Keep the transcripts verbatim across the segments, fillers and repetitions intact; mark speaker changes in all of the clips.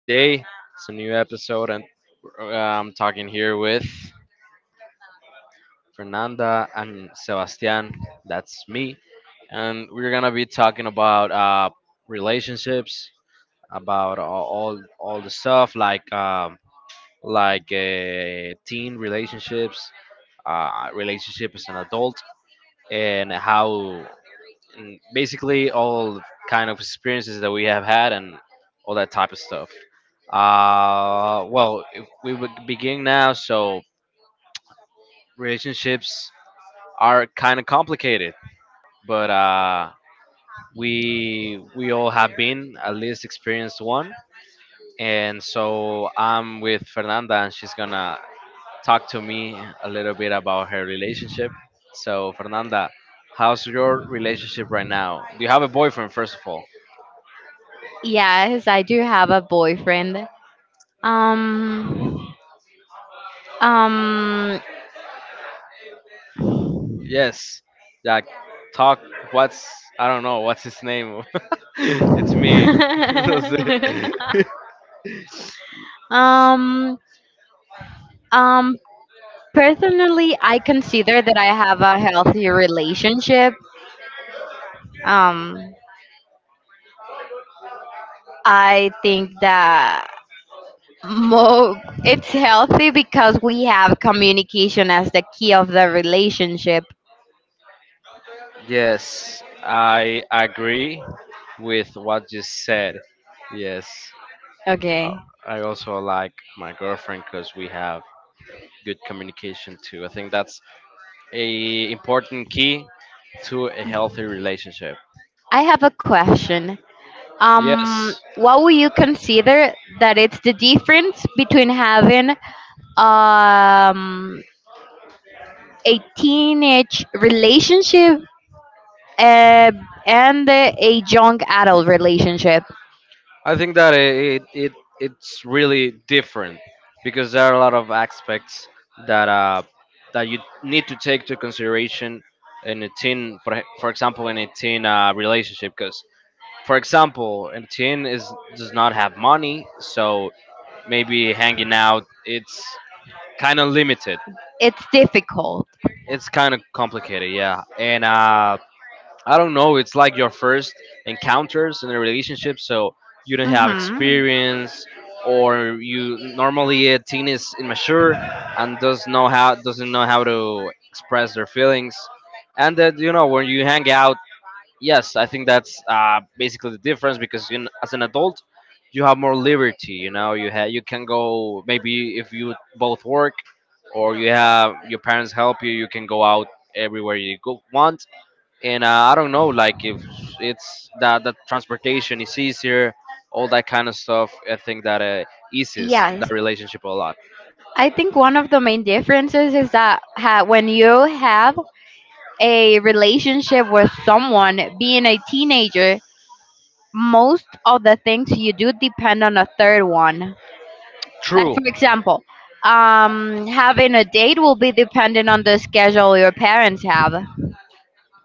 Speaker 1: Today it's a new episode, and uh, I'm talking here with Fernanda and Sebastian. That's me, and we're gonna be talking about uh, relationships, about all all, all the stuff like um, like uh, teen relationships, uh, relationship as an adult, and how and basically all kind of experiences that we have had and all that type of stuff. Uh, well, if we would begin now, so relationships are kind of complicated, but uh, we we all have been at least experienced one, and so I'm with Fernanda, and she's gonna talk to me a little bit about her relationship. So, Fernanda, how's your relationship right now? Do you have a boyfriend, first of all?
Speaker 2: Yes, I do have a boyfriend. Um, um,
Speaker 1: Yes, like talk. What's I don't know. What's his name? It's me. That's it.
Speaker 2: um, um, personally, I consider that I have a healthy relationship. Um, I think that mo it's healthy because we have communication as the key of the relationship.
Speaker 1: Yes, I agree with what you said. Yes, uh,
Speaker 2: Okay.
Speaker 1: I also like my girlfriend because we have good communication too. I think that's a important key to a healthy relationship.
Speaker 2: I have a question. Um
Speaker 1: Yes,
Speaker 2: what would you consider that it's the difference between having um a teenage relationship uh, and a young adult relationship?
Speaker 1: I think that it, it it's really different because there are a lot of aspects that uh that you need to take to consideration in a teen, for e- for example, in a teen uh, relationship. Because for example, a teen is does not have money, so maybe hanging out it's kind of limited.
Speaker 2: It's difficult.
Speaker 1: It's kind of complicated, yeah. And uh, I don't know. It's like your first encounters in a relationship, so you don't have
Speaker 2: Hmm.
Speaker 1: experience, or you normally a teen is immature and does know how doesn't know how to express their feelings, and that you know when you hang out. Yes, I think that's uh, basically the difference because in, as an adult, you have more liberty. You know, you ha- you can go maybe if you both work, or you have your parents help you, you can go out everywhere you go want and uh, I don't know, like if it's that the transportation is easier, all that kind of stuff. I think that uh, eases
Speaker 2: Yes,
Speaker 1: that relationship a lot.
Speaker 2: i think one of the main differences is that ha- when you have a relationship with someone being a teenager, most of the things you do depend on a third one. Like
Speaker 1: True.
Speaker 2: for example, um, having a date will be dependent on the schedule your parents have.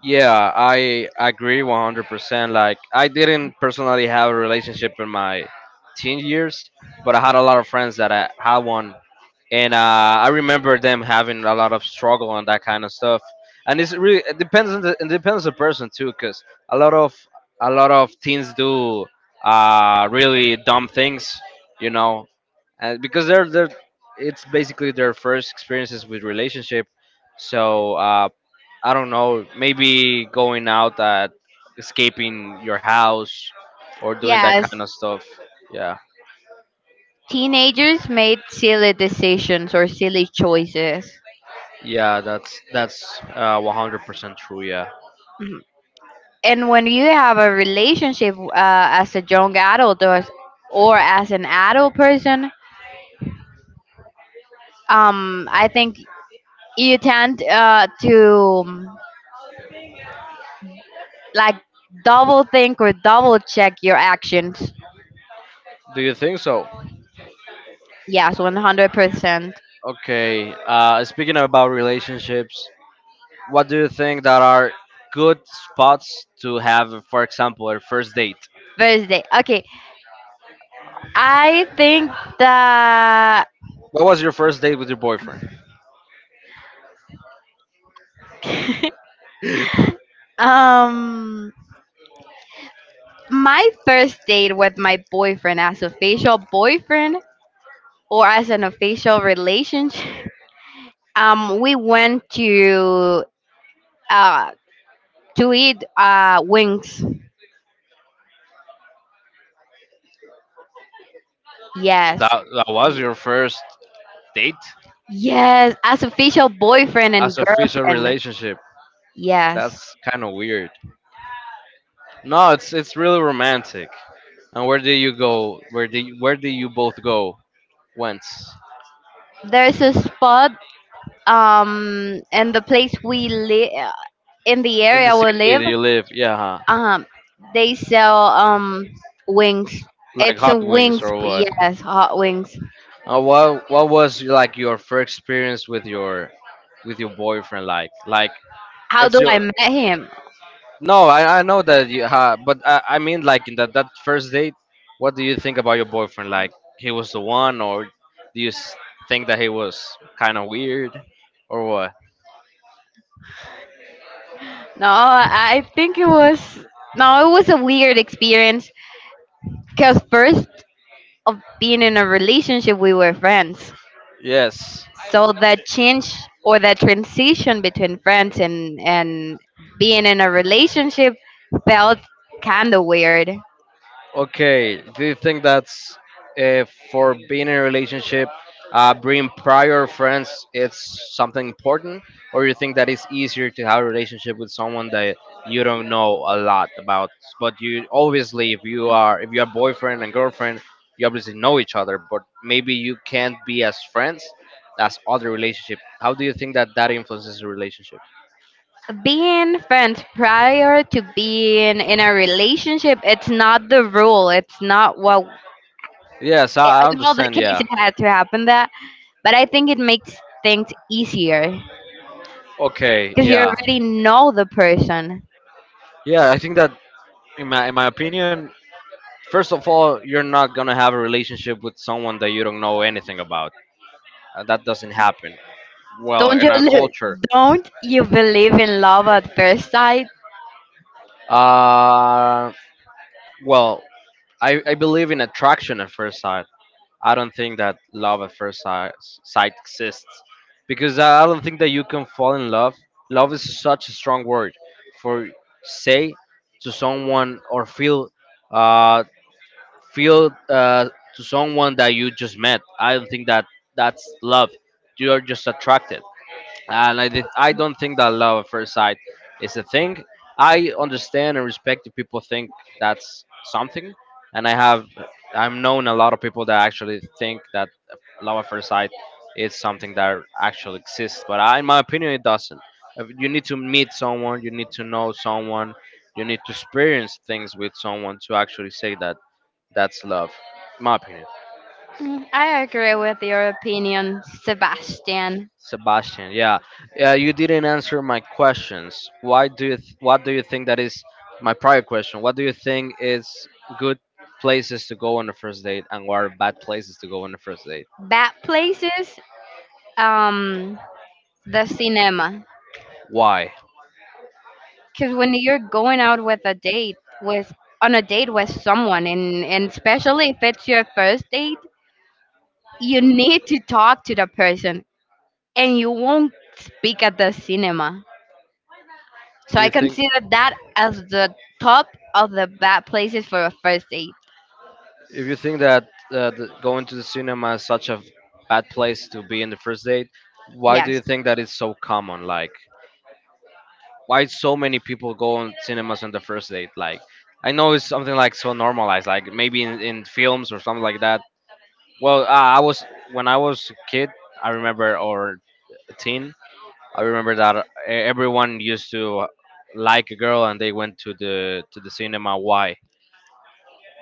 Speaker 1: Yeah, I agree one hundred percent. Like I didn't personally have a relationship in my teen years, but I had a lot of friends that I had one and uh, I remember them having a lot of struggle and that kind of stuff. And it's really it depends on the it depends on the person too, because a lot of a lot of teens do uh, really dumb things, you know, and because they're they're it's basically their first experiences with relationship. So uh, I don't know, maybe going out at escaping your house or doing that
Speaker 2: Yes,
Speaker 1: kind of stuff. Yeah,
Speaker 2: teenagers made silly decisions or silly choices.
Speaker 1: yeah, that's that's uh, one hundred percent true. Yeah.
Speaker 2: And when you have a relationship uh, as a young adult or as, or as an adult person, um, I think you tend uh, to um, like double think or double check your actions.
Speaker 1: Do you think so?
Speaker 2: Yes, one hundred percent.
Speaker 1: Okay. Uh, speaking about relationships, what do you think that are good spots to have, for example, a first date?
Speaker 2: Thursday. Okay, I think that
Speaker 1: What was your first date with your boyfriend?
Speaker 2: um my first date with my boyfriend as official boyfriend or as an official relationship um we went to uh to eat uh wings. Yes.
Speaker 1: That that was your first date
Speaker 2: Yes, as official boyfriend and
Speaker 1: as official
Speaker 2: girlfriend.
Speaker 1: relationship.
Speaker 2: Yes.
Speaker 1: That's kind of weird. No, it's it's really romantic. And where do you go? Where do you, where do you both go? Once
Speaker 2: There's a spot um in the place we live, in the
Speaker 1: in the
Speaker 2: area we
Speaker 1: city that
Speaker 2: live.
Speaker 1: you live, yeah, huh?
Speaker 2: Um, they sell um wings.
Speaker 1: Like
Speaker 2: It's a
Speaker 1: hot wings
Speaker 2: wings,
Speaker 1: or what?
Speaker 2: yes, hot wings.
Speaker 1: Uh, what what was like your first experience with your with your boyfriend like? Like
Speaker 2: How
Speaker 1: it's
Speaker 2: do I
Speaker 1: your
Speaker 2: met him?
Speaker 1: no, I, I know that you ha, but I, I mean like in that that first date, what do you think about your boyfriend? Like he was the one, or do you s- think that he was kind of weird, or what?
Speaker 2: No, I think it was, no, it was a weird experience. Cause first of being in a relationship, we were friends.
Speaker 1: Yes.
Speaker 2: So that change or that transition between friends and and being in a relationship felt kind of weird.
Speaker 1: Okay, do you think that's uh, for being in a relationship, uh, bringing prior friends, it's something important, or you think that it's easier to have a relationship with someone that you don't know a lot about, but you obviously, if you are if you are boyfriend and girlfriend, you obviously know each other, but maybe you can't be as friends as other relationship. How do you think that that influences the relationship?
Speaker 2: Being friends prior to being in a relationship, it's not the rule. It's not what,
Speaker 1: Yes, I I
Speaker 2: in all the
Speaker 1: understand.
Speaker 2: case,
Speaker 1: Yeah.
Speaker 2: it had to happen that. But I think it makes things easier
Speaker 1: Okay.
Speaker 2: because you
Speaker 1: Yeah.
Speaker 2: already know the person.
Speaker 1: Yeah, I think that in my in my opinion, first of all, you're not gonna have a relationship with someone that you don't know anything about. Uh, That doesn't happen. Well,
Speaker 2: Don't
Speaker 1: in
Speaker 2: you
Speaker 1: our
Speaker 2: li-
Speaker 1: culture,
Speaker 2: don't you believe in love at first sight?
Speaker 1: uh, well, I, I believe in attraction at first sight. I don't think that love at first sight, sight exists because I don't think that you can fall in love. Love is such a strong word for say to someone or feel uh, feel uh, to someone that you just met. I don't think that that's love. You are just attracted, and I did, I don't think that love at first sight is a thing. I understand and respect if people think that's something, and I have I've known a lot of people that actually think that love at first sight is something that actually exists. But I, in my opinion, it doesn't. If you need to meet someone. You need to know someone. You need to experience things with someone to actually say that that's love, in my opinion.
Speaker 2: Mm, I agree with your opinion, Sebastian.
Speaker 1: Sebastian, yeah, yeah. You didn't answer my questions. Why do you? Th- what do you think that is my prior question? What do you think is good places to go on the first date, and what are bad places to go on the first date?
Speaker 2: Bad places, um, the cinema.
Speaker 1: Why?
Speaker 2: Because when you're going out with a date with on a date with someone and and especially if it's your first date, you need to talk to the person, and you won't speak at the cinema, so
Speaker 1: Do
Speaker 2: i
Speaker 1: you think
Speaker 2: consider that as the top of the bad places for a first date.
Speaker 1: If you think that uh, the, going to the cinema is such a bad place to be in the first date, why do
Speaker 2: Yes,
Speaker 1: you think that it's so common? Like, why so many people go on cinemas on the first date like I know it's something like so normalized like maybe in, in films or something like that. well uh, I was when I was a kid I remember or a teen I remember that uh, everyone used to like a girl and they went to the to the cinema why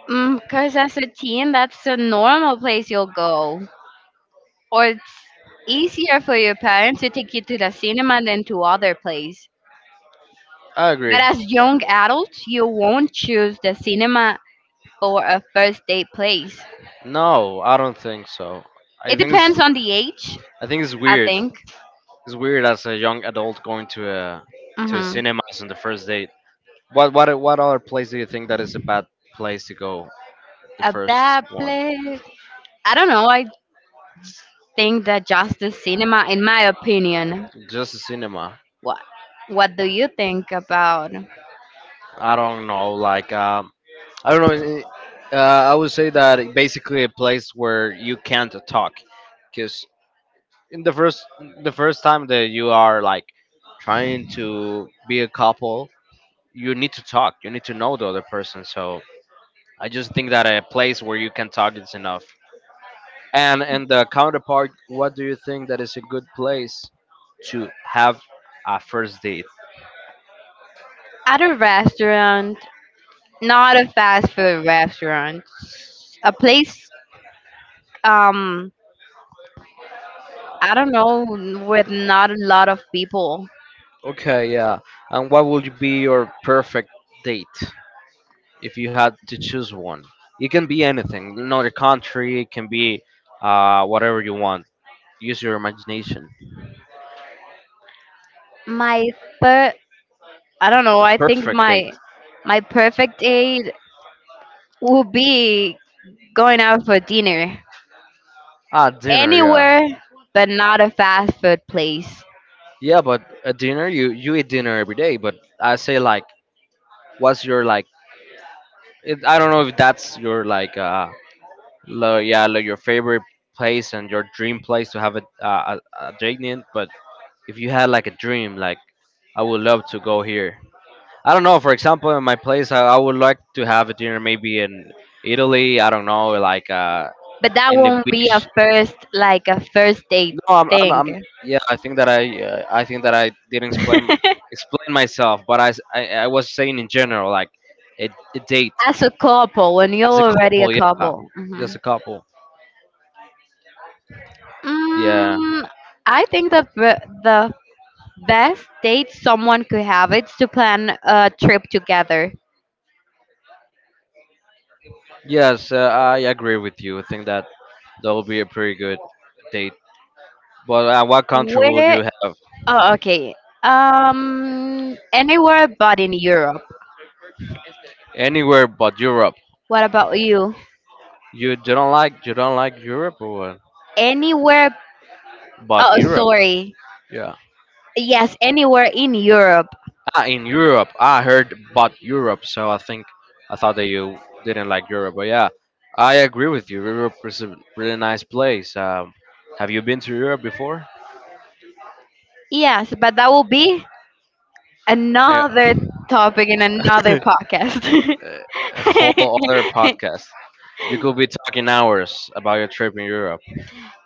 Speaker 2: because as a teen that's a normal place you'll go, or it's easier for your parents to take you to the cinema than to other place.
Speaker 1: I
Speaker 2: But
Speaker 1: agree.
Speaker 2: as young adults, you won't choose the cinema for a first date place.
Speaker 1: No I don't think so. I
Speaker 2: It
Speaker 1: think it's
Speaker 2: depends on the age,
Speaker 1: I think it's
Speaker 2: I
Speaker 1: weird.
Speaker 2: think.
Speaker 1: It's weird as a young adult going to a to a
Speaker 2: Hmm.
Speaker 1: cinemas on the first date. What what what other place do you think that is a bad place to go? The
Speaker 2: A
Speaker 1: first
Speaker 2: bad
Speaker 1: one,
Speaker 2: place. I don't know. I think that just the cinema, in my opinion.
Speaker 1: just a cinema.
Speaker 2: What? What do you think about
Speaker 1: I don't know. Like um, I don't know. eh, Uh, I would say that it basically a place where you can't talk, because in the first the first time that you are like trying to be a couple, you need to talk. You need to know the other person. So I just think that a place where you can talk is enough. And in the counterpart, what do you think that is a good place to have a first date?
Speaker 2: at a restaurant? Not a fast food restaurant. A place. Um, I don't know, with not a lot of people.
Speaker 1: Okay, yeah. And what would be your perfect date if you had to choose one? It can be anything, another country, it can be uh, whatever you want. Use your imagination.
Speaker 2: My third, I don't know. I think
Speaker 1: Perfect date.
Speaker 2: my my perfect date would be going out for dinner
Speaker 1: Ah, dinner, yeah.
Speaker 2: anywhere, but not a fast food place.
Speaker 1: Yeah, but a dinner, you you eat dinner every day, but I say like, what's your like? It, I don't know if that's your like uh, like, yeah, like your favorite place and your dream place to have a, a, a a date in. But if you had like a dream, like I would love to go here. I don't know. For example, in my place, I, I would like to have a dinner maybe in Italy. I don't know, like uh,
Speaker 2: But that
Speaker 1: in the
Speaker 2: won't be a
Speaker 1: beach.
Speaker 2: first like a first date
Speaker 1: No, I'm, I'm,
Speaker 2: thing.
Speaker 1: I'm yeah. I think that I, uh, I think that I didn't explain explain myself, but I, s- I- I was saying in general, like a, a date
Speaker 2: As a couple, when you're
Speaker 1: as a
Speaker 2: already a
Speaker 1: couple. Yeah,
Speaker 2: couple. Hmm.
Speaker 1: just a couple. Yeah.
Speaker 2: Mm, I think the be- the best date someone could have is to plan a trip together.
Speaker 1: Yes, uh, I agree with you. I think that that will be a pretty good date. But uh, what country will
Speaker 2: Where?
Speaker 1: you have?
Speaker 2: Oh, okay. Um, anywhere but in Europe.
Speaker 1: Anywhere but Europe.
Speaker 2: What about you?
Speaker 1: You don't like you don't like Europe or what?
Speaker 2: Anywhere?
Speaker 1: But
Speaker 2: Oh,
Speaker 1: Europe.
Speaker 2: sorry.
Speaker 1: Yeah.
Speaker 2: Yes, anywhere in Europe.
Speaker 1: Ah, in Europe. I heard but Europe. So I think I thought that you didn't like Europe. But yeah, I agree with you. Europe is a really nice place. Um, have you been to Europe before?
Speaker 2: Yes, but that will be
Speaker 1: Eh,
Speaker 2: another topic in another podcast.
Speaker 1: a whole other podcast. You could be talking hours about your trip in Europe.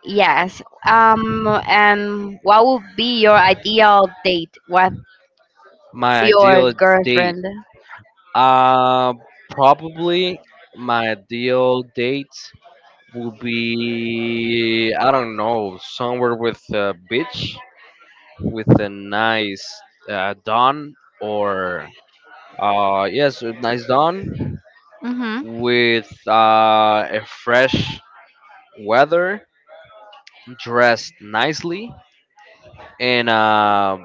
Speaker 2: Yes. Um. And what would be your ideal date with
Speaker 1: My
Speaker 2: your
Speaker 1: ideal date.
Speaker 2: girlfriend?
Speaker 1: Uh, Probably my ideal date will be I don't know somewhere with a beach with a nice uh, dawn or uh yes a nice dawn
Speaker 2: Mm-hmm.
Speaker 1: with uh, a fresh weather dressed nicely and uh,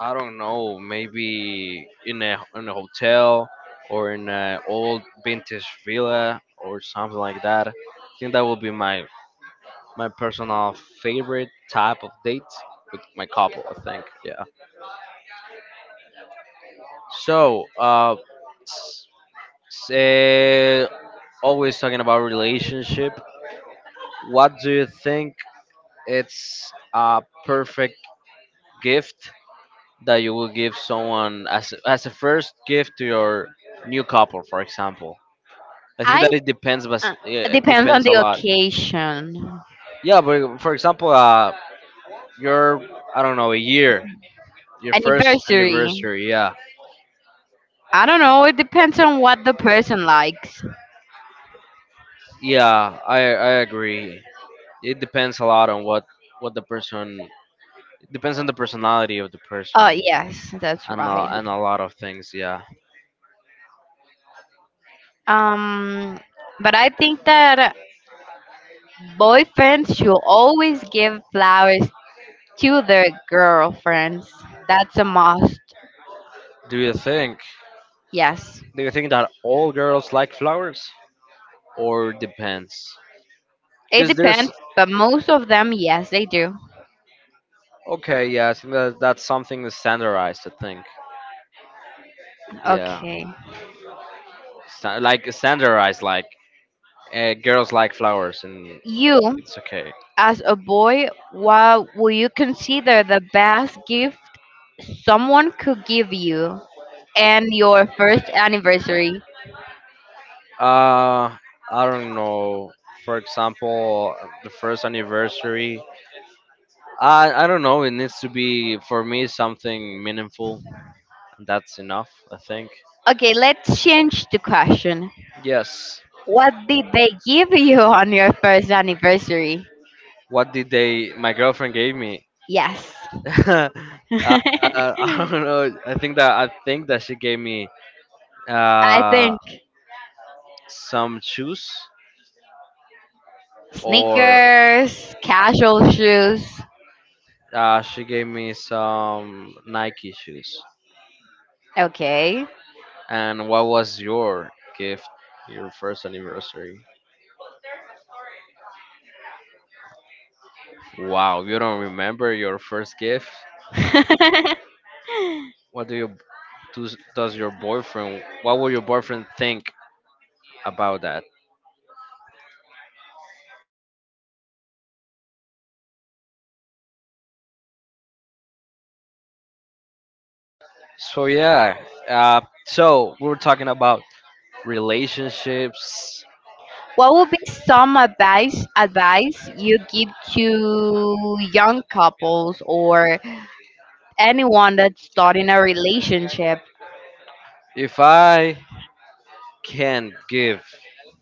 Speaker 1: I don't know, maybe in a in a hotel or in an old vintage villa or something like that. I think that would be my my personal favorite type of date with my couple. I think, yeah. So, uh, s- say, always talking about relationship. What do you think it's a perfect gift that you will give someone as as a first gift to your new couple, for example? I think
Speaker 2: I
Speaker 1: that it depends, but
Speaker 2: uh, It
Speaker 1: yeah, it
Speaker 2: depends on
Speaker 1: depends a
Speaker 2: the
Speaker 1: lot.
Speaker 2: occasion.
Speaker 1: Yeah, but for example, uh, your I don't know a year, your first
Speaker 2: Anniversary.
Speaker 1: anniversary. Yeah,
Speaker 2: I don't know. It depends on what the person likes.
Speaker 1: yeah, I I agree. It depends a lot on what what the person. It depends on the personality of the
Speaker 2: Oh
Speaker 1: person
Speaker 2: yes, that's
Speaker 1: and a,
Speaker 2: right.
Speaker 1: and a lot of things. Yeah.
Speaker 2: Um, but I think that boyfriends should always give flowers to their girlfriends. That's a must.
Speaker 1: Do you think
Speaker 2: Yes.
Speaker 1: do you think that all girls like flowers or depends?
Speaker 2: It
Speaker 1: Because there's
Speaker 2: depends, but most of them, yes, they do.
Speaker 1: okay, yeah, I think that that's something that's standardized. I think. Yeah,
Speaker 2: Okay.
Speaker 1: sta- like standardized, like Uh, girls like flowers, and
Speaker 2: You,
Speaker 1: it's okay.
Speaker 2: as a boy, what will you consider the best gift someone could give you and your first anniversary?
Speaker 1: Uh, I don't know. For example, the first anniversary. I I don't know. It needs to be for me something meaningful, and that's enough. I think.
Speaker 2: Okay, let's change the question.
Speaker 1: Yes.
Speaker 2: What did they give you on your first anniversary?
Speaker 1: What did they? My girlfriend gave me.
Speaker 2: Yes.
Speaker 1: uh, uh,
Speaker 2: I
Speaker 1: I don't know. I think that I think that she gave me uh
Speaker 2: think
Speaker 1: some shoes, or
Speaker 2: sneakers, casual shoes.
Speaker 1: uh, she gave me some Nike shoes.
Speaker 2: Okay.
Speaker 1: And what was your gift, your first anniversary? Wow, you don't remember your first gift? What do you does, does your boyfriend? What will your boyfriend think about that? So yeah, uh, so we were talking about relationships.
Speaker 2: What would be some advice advice you give to young couples or anyone that's starting a relationship?
Speaker 1: If I can give,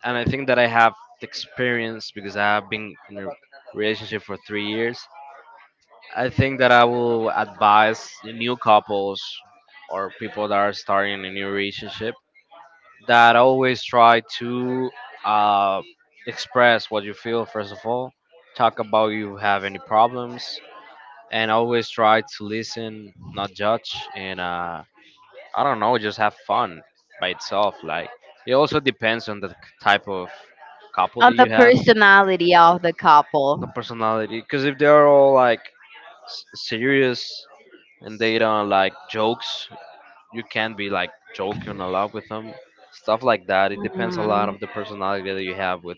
Speaker 1: and I think that I have the experience because I have been in a relationship for three years. I think that I will advise new couples or people that are starting a new relationship that always try to uh, express what you feel first of all, talk about you have any problems, and always try to listen, not judge, and uh, I don't know, just have fun by itself. Like it also depends on the type of couple that
Speaker 2: On
Speaker 1: you
Speaker 2: the
Speaker 1: have,
Speaker 2: personality of the
Speaker 1: the
Speaker 2: couple?
Speaker 1: personality. Because if they're all like s- serious and they don't like jokes. You can't be like joking a lot with them, stuff like that. It depends a lot
Speaker 2: Mm,
Speaker 1: of the personality that you have with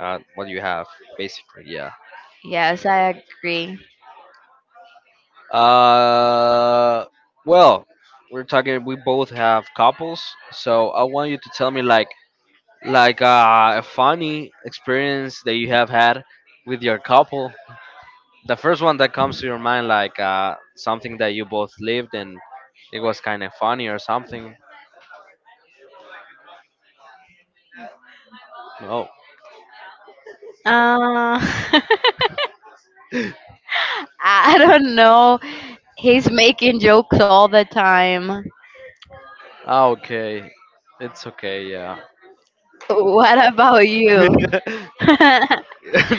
Speaker 1: uh, what you have, basically. Yeah.
Speaker 2: yes, I agree.
Speaker 1: Uh, well, we're talking. We both have couples, so I want you to tell me like like uh, a funny experience that you have had with your couple. The first one that comes to your mind, like uh, something that you both lived and it was kind of funny or something. Oh.
Speaker 2: Uh, I don't know. He's making jokes all the time.
Speaker 1: Ah, okay. It's okay, yeah.
Speaker 2: What about you?
Speaker 1: no,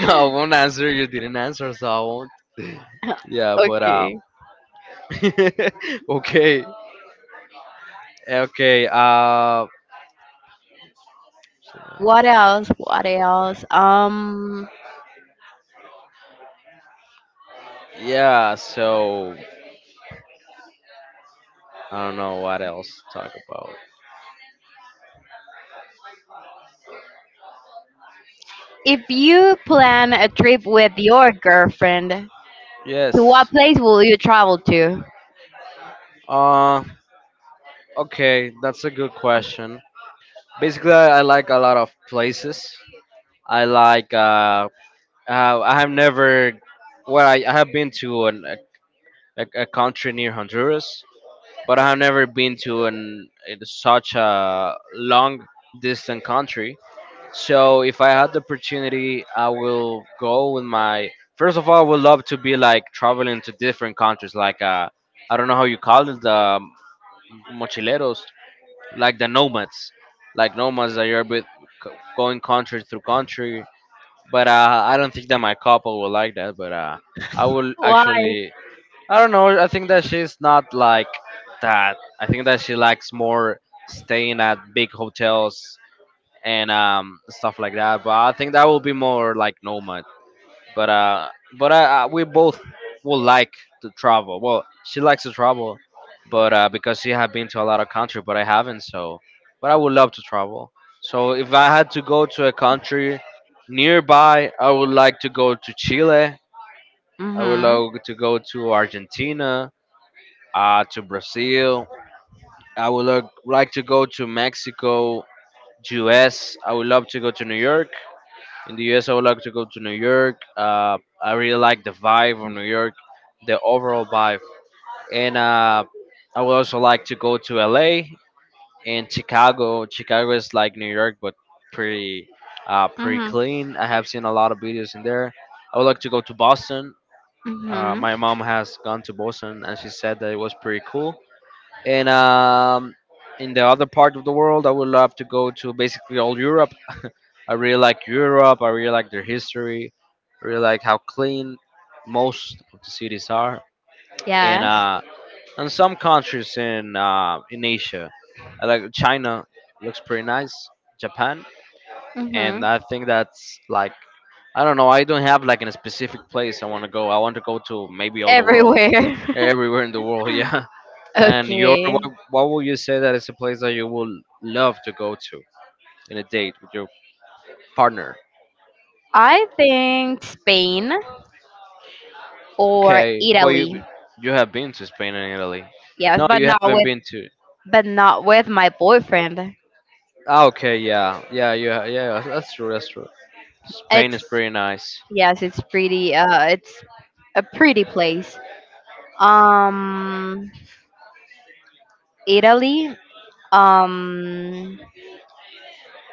Speaker 1: I won't answer. You didn't answer, so I won't. Yeah, but uh,
Speaker 2: Okay.
Speaker 1: okay, okay. Uh,
Speaker 2: What else? What else? Um,
Speaker 1: yeah. So I don't know what else to talk about.
Speaker 2: if you plan a trip with your girlfriend, to
Speaker 1: Yes.
Speaker 2: what place will you travel to?
Speaker 1: Uh, okay. That's a good question. Basically, I, I like a lot of places. I like. Uh, uh I have never. Well, I, I have been to an, a, a country near Honduras, but I have never been to an in such a long distant country. So if I had the opportunity, I will go with my. First of all, I would love to be like traveling to different countries, like uh, I don't know how you call it, the mochileros, like the nomads, like nomads that you're with c- going country through country. But uh, I don't think that my couple will like that. But uh, I will
Speaker 2: Why?
Speaker 1: actually I don't know. I think that she's not like that. I think that she likes more staying at big hotels and um, stuff like that. But I think that will be more like nomad. But uh, but uh, uh, we both will like to travel. Well, she likes to travel, but uh, because she have been to a lot of country, but I haven't. So, but I would love to travel. So if I had to go to a country nearby, I would like to go to Chile. I would
Speaker 2: Mhm.
Speaker 1: love to go to Argentina uh, to Brazil. I would lo- like to go to Mexico, U S. I would love to go to New York. In the U S, I would like to go to New York. Uh, I really like the vibe of New York, the overall vibe. And uh, I would also like to go to L A and Chicago. Chicago is like New York, but pretty, uh, pretty
Speaker 2: Mhm.
Speaker 1: clean. I have seen a lot of videos in there. I would like to go to Boston. Uh,
Speaker 2: Mhm.
Speaker 1: my mom has gone to Boston and she said that it was pretty cool, and um, in the other part of the world, I would love to go to basically all Europe. I really like Europe. I really like their history. I really like how clean most of the cities are, and
Speaker 2: Yes.
Speaker 1: uh, and some countries in uh, in Asia. I like China looks pretty nice. Japan, and
Speaker 2: Mhm.
Speaker 1: I think that's like I don't know. I don't have like in a specific place I want to go. I want to go to maybe all the world,
Speaker 2: Everywhere.
Speaker 1: everywhere in the world. Yeah. And your what,
Speaker 2: Okay.
Speaker 1: what will you say that is a place that you will love to go to in a date with your partner?
Speaker 2: I think Spain or
Speaker 1: Okay, but you
Speaker 2: Italy.
Speaker 1: you have been to Spain and Italy.
Speaker 2: Yes,
Speaker 1: No,
Speaker 2: but
Speaker 1: you
Speaker 2: not
Speaker 1: haven't
Speaker 2: with,
Speaker 1: been to.
Speaker 2: but not with my boyfriend.
Speaker 1: Ah, okay, yeah, yeah, you ha- yeah, yeah, that's true, that's true. Spain is
Speaker 2: It's,
Speaker 1: pretty nice.
Speaker 2: yes, it's pretty. Uh, it's a pretty place. Um, Italy. Um,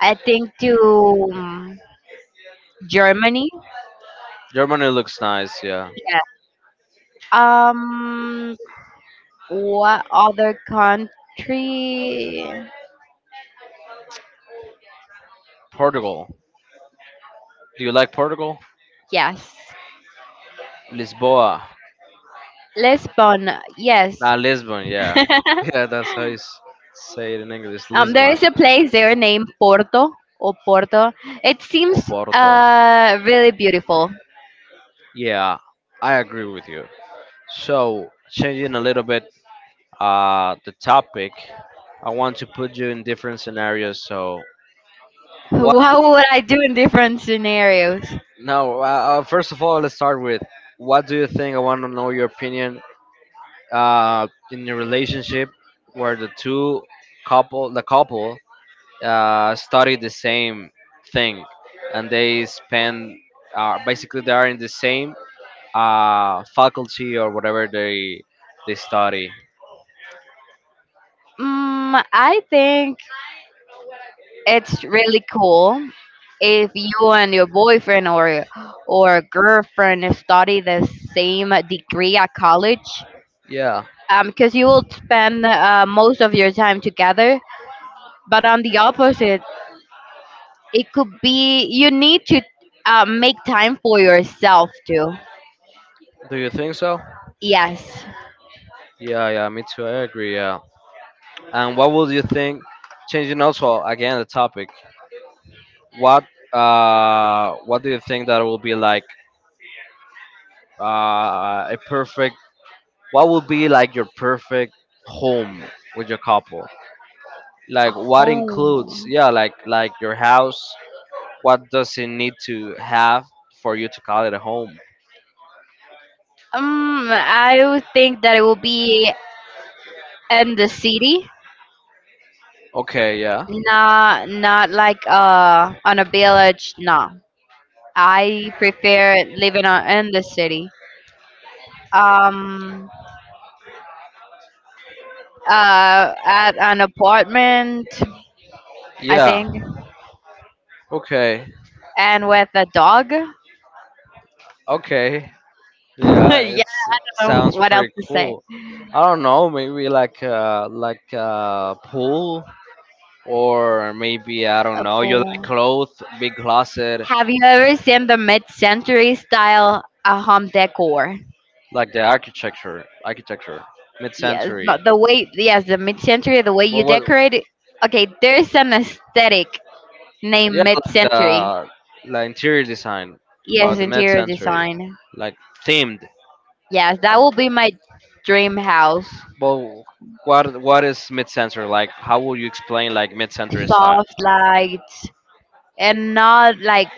Speaker 2: I think to um, Germany.
Speaker 1: Germany looks nice, yeah.
Speaker 2: Yeah. Um, what other country?
Speaker 1: Portugal. Do you like Portugal?
Speaker 2: Yes,
Speaker 1: Lisboa.
Speaker 2: Lisbon. Yes.
Speaker 1: Ah, Lisbon, yeah. Yeah, that's how you s- say it in English.
Speaker 2: Um, there
Speaker 1: Lisbon
Speaker 2: is a place there named Porto or Porto. It
Speaker 1: or
Speaker 2: seems
Speaker 1: Porto.
Speaker 2: uh really beautiful.
Speaker 1: Yeah, I agree with you. So, changing a little bit uh, the topic, I want to put you in different scenarios. So, what?
Speaker 2: What would I do in different scenarios?
Speaker 1: No, uh, uh, first of all, let's start with what do you think? I want to know your opinion uh, in your relationship where the two couple, the couple, uh, study the same thing, and they spend uh, basically they are in the same uh, faculty or whatever they they study.
Speaker 2: Mm, I think it's really cool if you and your boyfriend or or girlfriend study the same degree at college
Speaker 1: Yeah,
Speaker 2: because you will spend uh, most of your time together, but on the opposite it could be you need to uh, make time for yourself too.
Speaker 1: do you think so?
Speaker 2: Yes.
Speaker 1: Yeah, yeah, me too. I agree. Yeah. And what would you think? Changing also again the topic. What uh, what do you think that will be like uh, a perfect? What would be like your perfect home with your couple? Like what
Speaker 2: Home.
Speaker 1: includes? Yeah, like like your house. What does it need to have for you to call it a home?
Speaker 2: um I would think that it will be in the city,
Speaker 1: Okay. Yeah.
Speaker 2: not not like uh on a village, no. I prefer living on, in the city. Um, uh, at an apartment, I
Speaker 1: Yeah.
Speaker 2: think,
Speaker 1: Okay.
Speaker 2: and with a dog. Yeah,
Speaker 1: Okay. Yeah,
Speaker 2: I
Speaker 1: it's it
Speaker 2: don't know
Speaker 1: sounds
Speaker 2: what else
Speaker 1: pretty
Speaker 2: to say?
Speaker 1: cool. I don't know, maybe like a like a pool or maybe I don't
Speaker 2: A
Speaker 1: know, your
Speaker 2: pool.
Speaker 1: cloth, big closet,
Speaker 2: Have you ever seen the mid-century style uh, home decor?
Speaker 1: like the architecture, architecture,
Speaker 2: Yes,
Speaker 1: mid-century.
Speaker 2: not the way. Yes, the mid-century, the way
Speaker 1: But
Speaker 2: you
Speaker 1: what?
Speaker 2: decorate it. Okay, there's an aesthetic named
Speaker 1: Yeah, like
Speaker 2: mid-century.
Speaker 1: the like interior design about
Speaker 2: Yes,
Speaker 1: the
Speaker 2: interior
Speaker 1: mid-century,
Speaker 2: design.
Speaker 1: like themed.
Speaker 2: Yes,
Speaker 1: Uh,
Speaker 2: that will be my dream house.
Speaker 1: But what what is mid-century like? How would you explain like mid-century style?
Speaker 2: Soft lights, and not like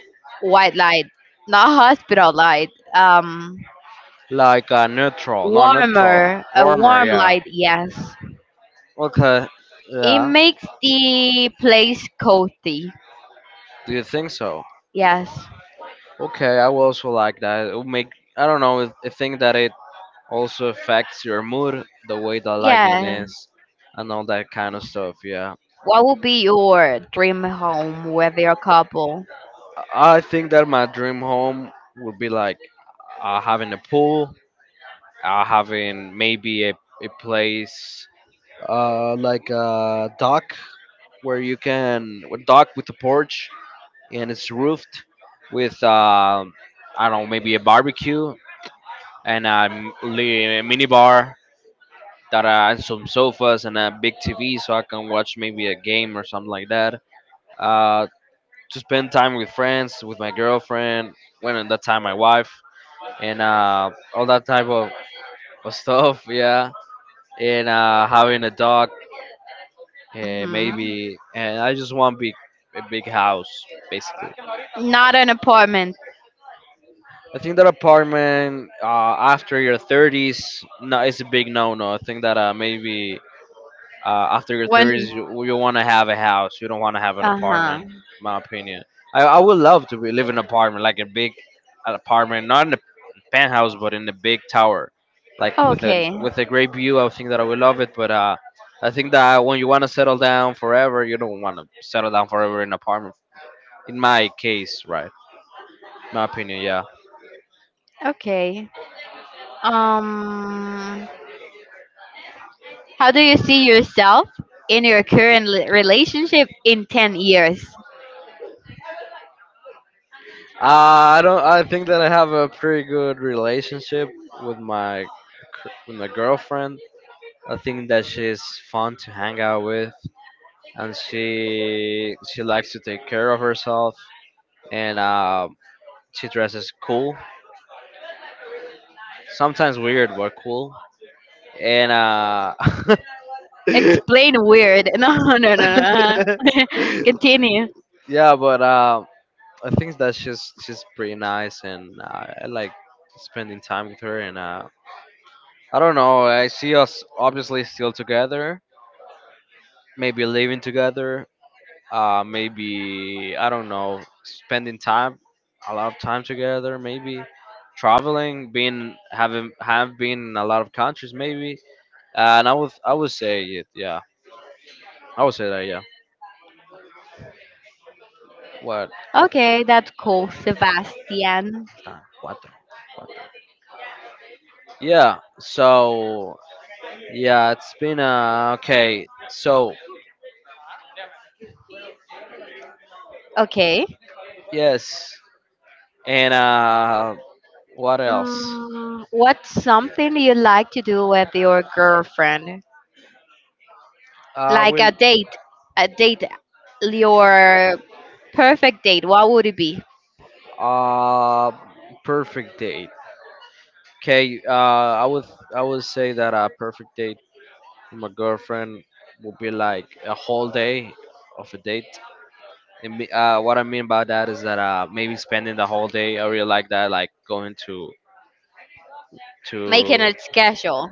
Speaker 2: white light, not hospital light. Um,
Speaker 1: Like uh, neutral, not neutral,
Speaker 2: warmer, a
Speaker 1: warmer,
Speaker 2: warm
Speaker 1: yeah.
Speaker 2: light. Yes,
Speaker 1: Okay,
Speaker 2: it
Speaker 1: yeah.
Speaker 2: makes the place cozy.
Speaker 1: Do you think so?
Speaker 2: Yes,
Speaker 1: Okay, I will also like that. It would make I don't know. it- I think that it also affects your mood, the way the lightning
Speaker 2: yeah.
Speaker 1: is, and all that kind of stuff. Yeah,
Speaker 2: What would be your dream home with your couple?
Speaker 1: I I think that my dream home would be like uh, having a pool, uh, having maybe a a place uh, like a dock where you can a dock with a porch and it's roofed with um I don't know, maybe a barbecue and a m- li- mini bar that uh, and some sofas and a big T V so I can watch maybe a game or something like that. Uh, to spend time with friends, with my girlfriend, when at that time my wife, and uh, all that type of, of stuff. Yeah, and uh, having a dog, uh,
Speaker 2: Hmm.
Speaker 1: maybe, and I just want big a big house basically.
Speaker 2: Not an apartment.
Speaker 1: I think that apartment uh, after your thirties, no, it's a big no-no. I think that uh, maybe uh, after your
Speaker 2: When?
Speaker 1: thirties you, you want to have a house, you don't want to have an
Speaker 2: Uh huh.
Speaker 1: apartment. My opinion, I, I would love to be, live in an apartment like a big apartment, not in the penthouse but in the big tower like with a
Speaker 2: Okay.
Speaker 1: with a great view. I would think that I would love it, but uh I think that when you want to settle down forever, you don't want to settle down forever in an apartment, in my case, right, my opinion, yeah.
Speaker 2: Okay. Um. How do you see yourself in your current li- relationship in ten years?
Speaker 1: uh, I don't I think that I have a pretty good relationship with my cur- with my girlfriend. I think that she's fun to hang out with, and she she likes to take care of herself, and uh, she dresses cool, sometimes weird but cool, and uh,
Speaker 2: Explain weird. No, no, no, no. Uh-huh. Continue.
Speaker 1: yeah, but uh, I think that she's she's pretty nice, and uh, I like spending time with her, and uh, I don't know, I see us obviously still together, maybe living together, uh, maybe I don't know, spending time, a lot of time together, maybe traveling, being having have been in a lot of countries, maybe, and I would I would say it, yeah, I would say that, yeah. What?
Speaker 2: Okay, that's cool, Sebastian.
Speaker 1: What? the- Yeah. So yeah, it's been uh okay. So
Speaker 2: Okay.
Speaker 1: yes, and uh, what else?
Speaker 2: Mm, what's something you like to do with your girlfriend?
Speaker 1: Uh,
Speaker 2: Like
Speaker 1: will
Speaker 2: a date, a date, your perfect date. What would it be?
Speaker 1: uh perfect date. Okay, uh, I would I would say that a perfect date my girlfriend would be like a whole day of a date. And me- uh, what I mean by that is that uh, maybe spending the whole day. I really like that, like going to
Speaker 2: Making
Speaker 1: to
Speaker 2: a schedule.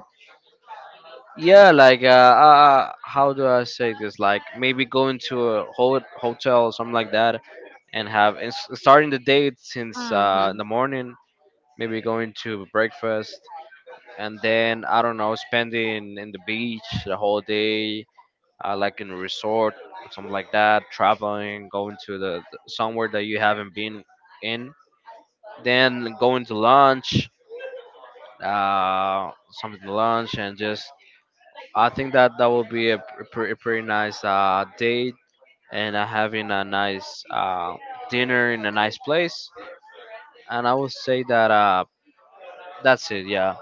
Speaker 1: yeah, like uh, uh uh, how do I say this? Like maybe going to a ho- hotel or something like that, and have and s- starting the date since uh, in
Speaker 2: Hmm.
Speaker 1: the morning. Maybe going to breakfast, and then I don't know, spending in the beach the whole day, uh, like in a resort or something like that, traveling, going to the, the somewhere that you haven't been in, then going to lunch, uh, something to lunch, and just I think that that will be a, pr- pretty pretty nice uh, date and uh, having a nice uh, dinner in a nice place. And I would say that uh, that's it. Yeah,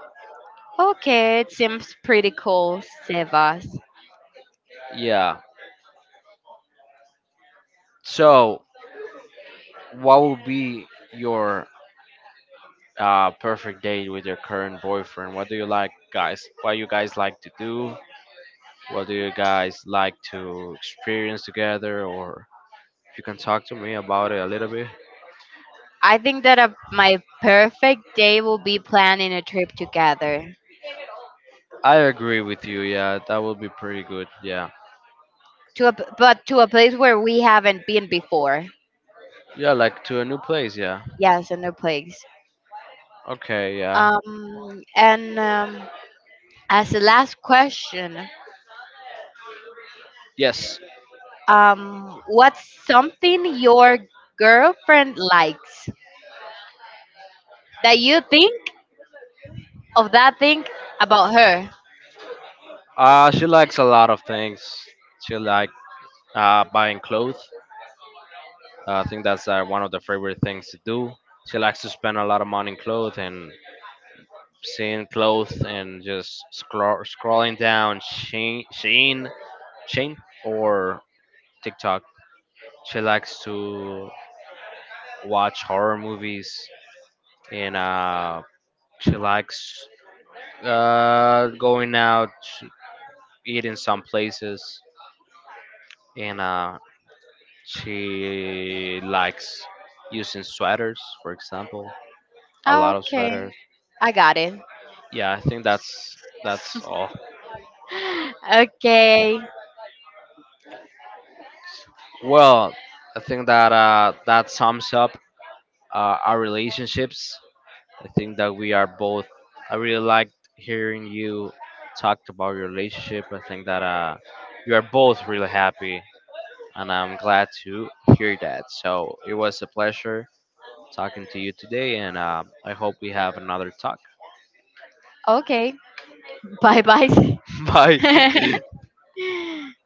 Speaker 2: Okay, it seems pretty cool, Sebas.
Speaker 1: yeah. So, what will be your uh, perfect date with your current boyfriend? What do you like, guys? What you guys like to do? What do you guys like to experience together? Or if you can talk to me about it a little bit.
Speaker 2: I think that a, my perfect day will be planning a trip together
Speaker 1: I agree with you. Yeah, that would be pretty good. Yeah.
Speaker 2: to a p- but to a place where we haven't been before.
Speaker 1: Yeah, like to a new place. Yeah.
Speaker 2: Yes, a new place.
Speaker 1: Okay. Yeah.
Speaker 2: Um, and um, as the last question,
Speaker 1: Yes.
Speaker 2: um, what's something your girlfriend likes that you think of that thing about her?
Speaker 1: Uh, she likes a lot of things. She like uh, buying clothes. I think that's uh, one of the favorite things to do. She likes to spend a lot of money in clothes and seeing clothes and just scroll, scrolling down Shein, Shein, Shein or TikTok. She likes to watch horror movies and uh, she likes uh, going out, eating some places, and uh, she likes using sweaters, for example, a lot of
Speaker 2: Okay,
Speaker 1: sweaters.
Speaker 2: I got it.
Speaker 1: Yeah, I think that's that's all.
Speaker 2: Okay,
Speaker 1: Well, I think that uh, that sums up uh, our relationships. I think that we are both. I really liked hearing you talk about your relationship. I think that uh, you are both really happy, and I'm glad to hear that. So it was a pleasure talking to you today, and uh, I hope we have another talk.
Speaker 2: okay. Bye bye.
Speaker 1: Bye.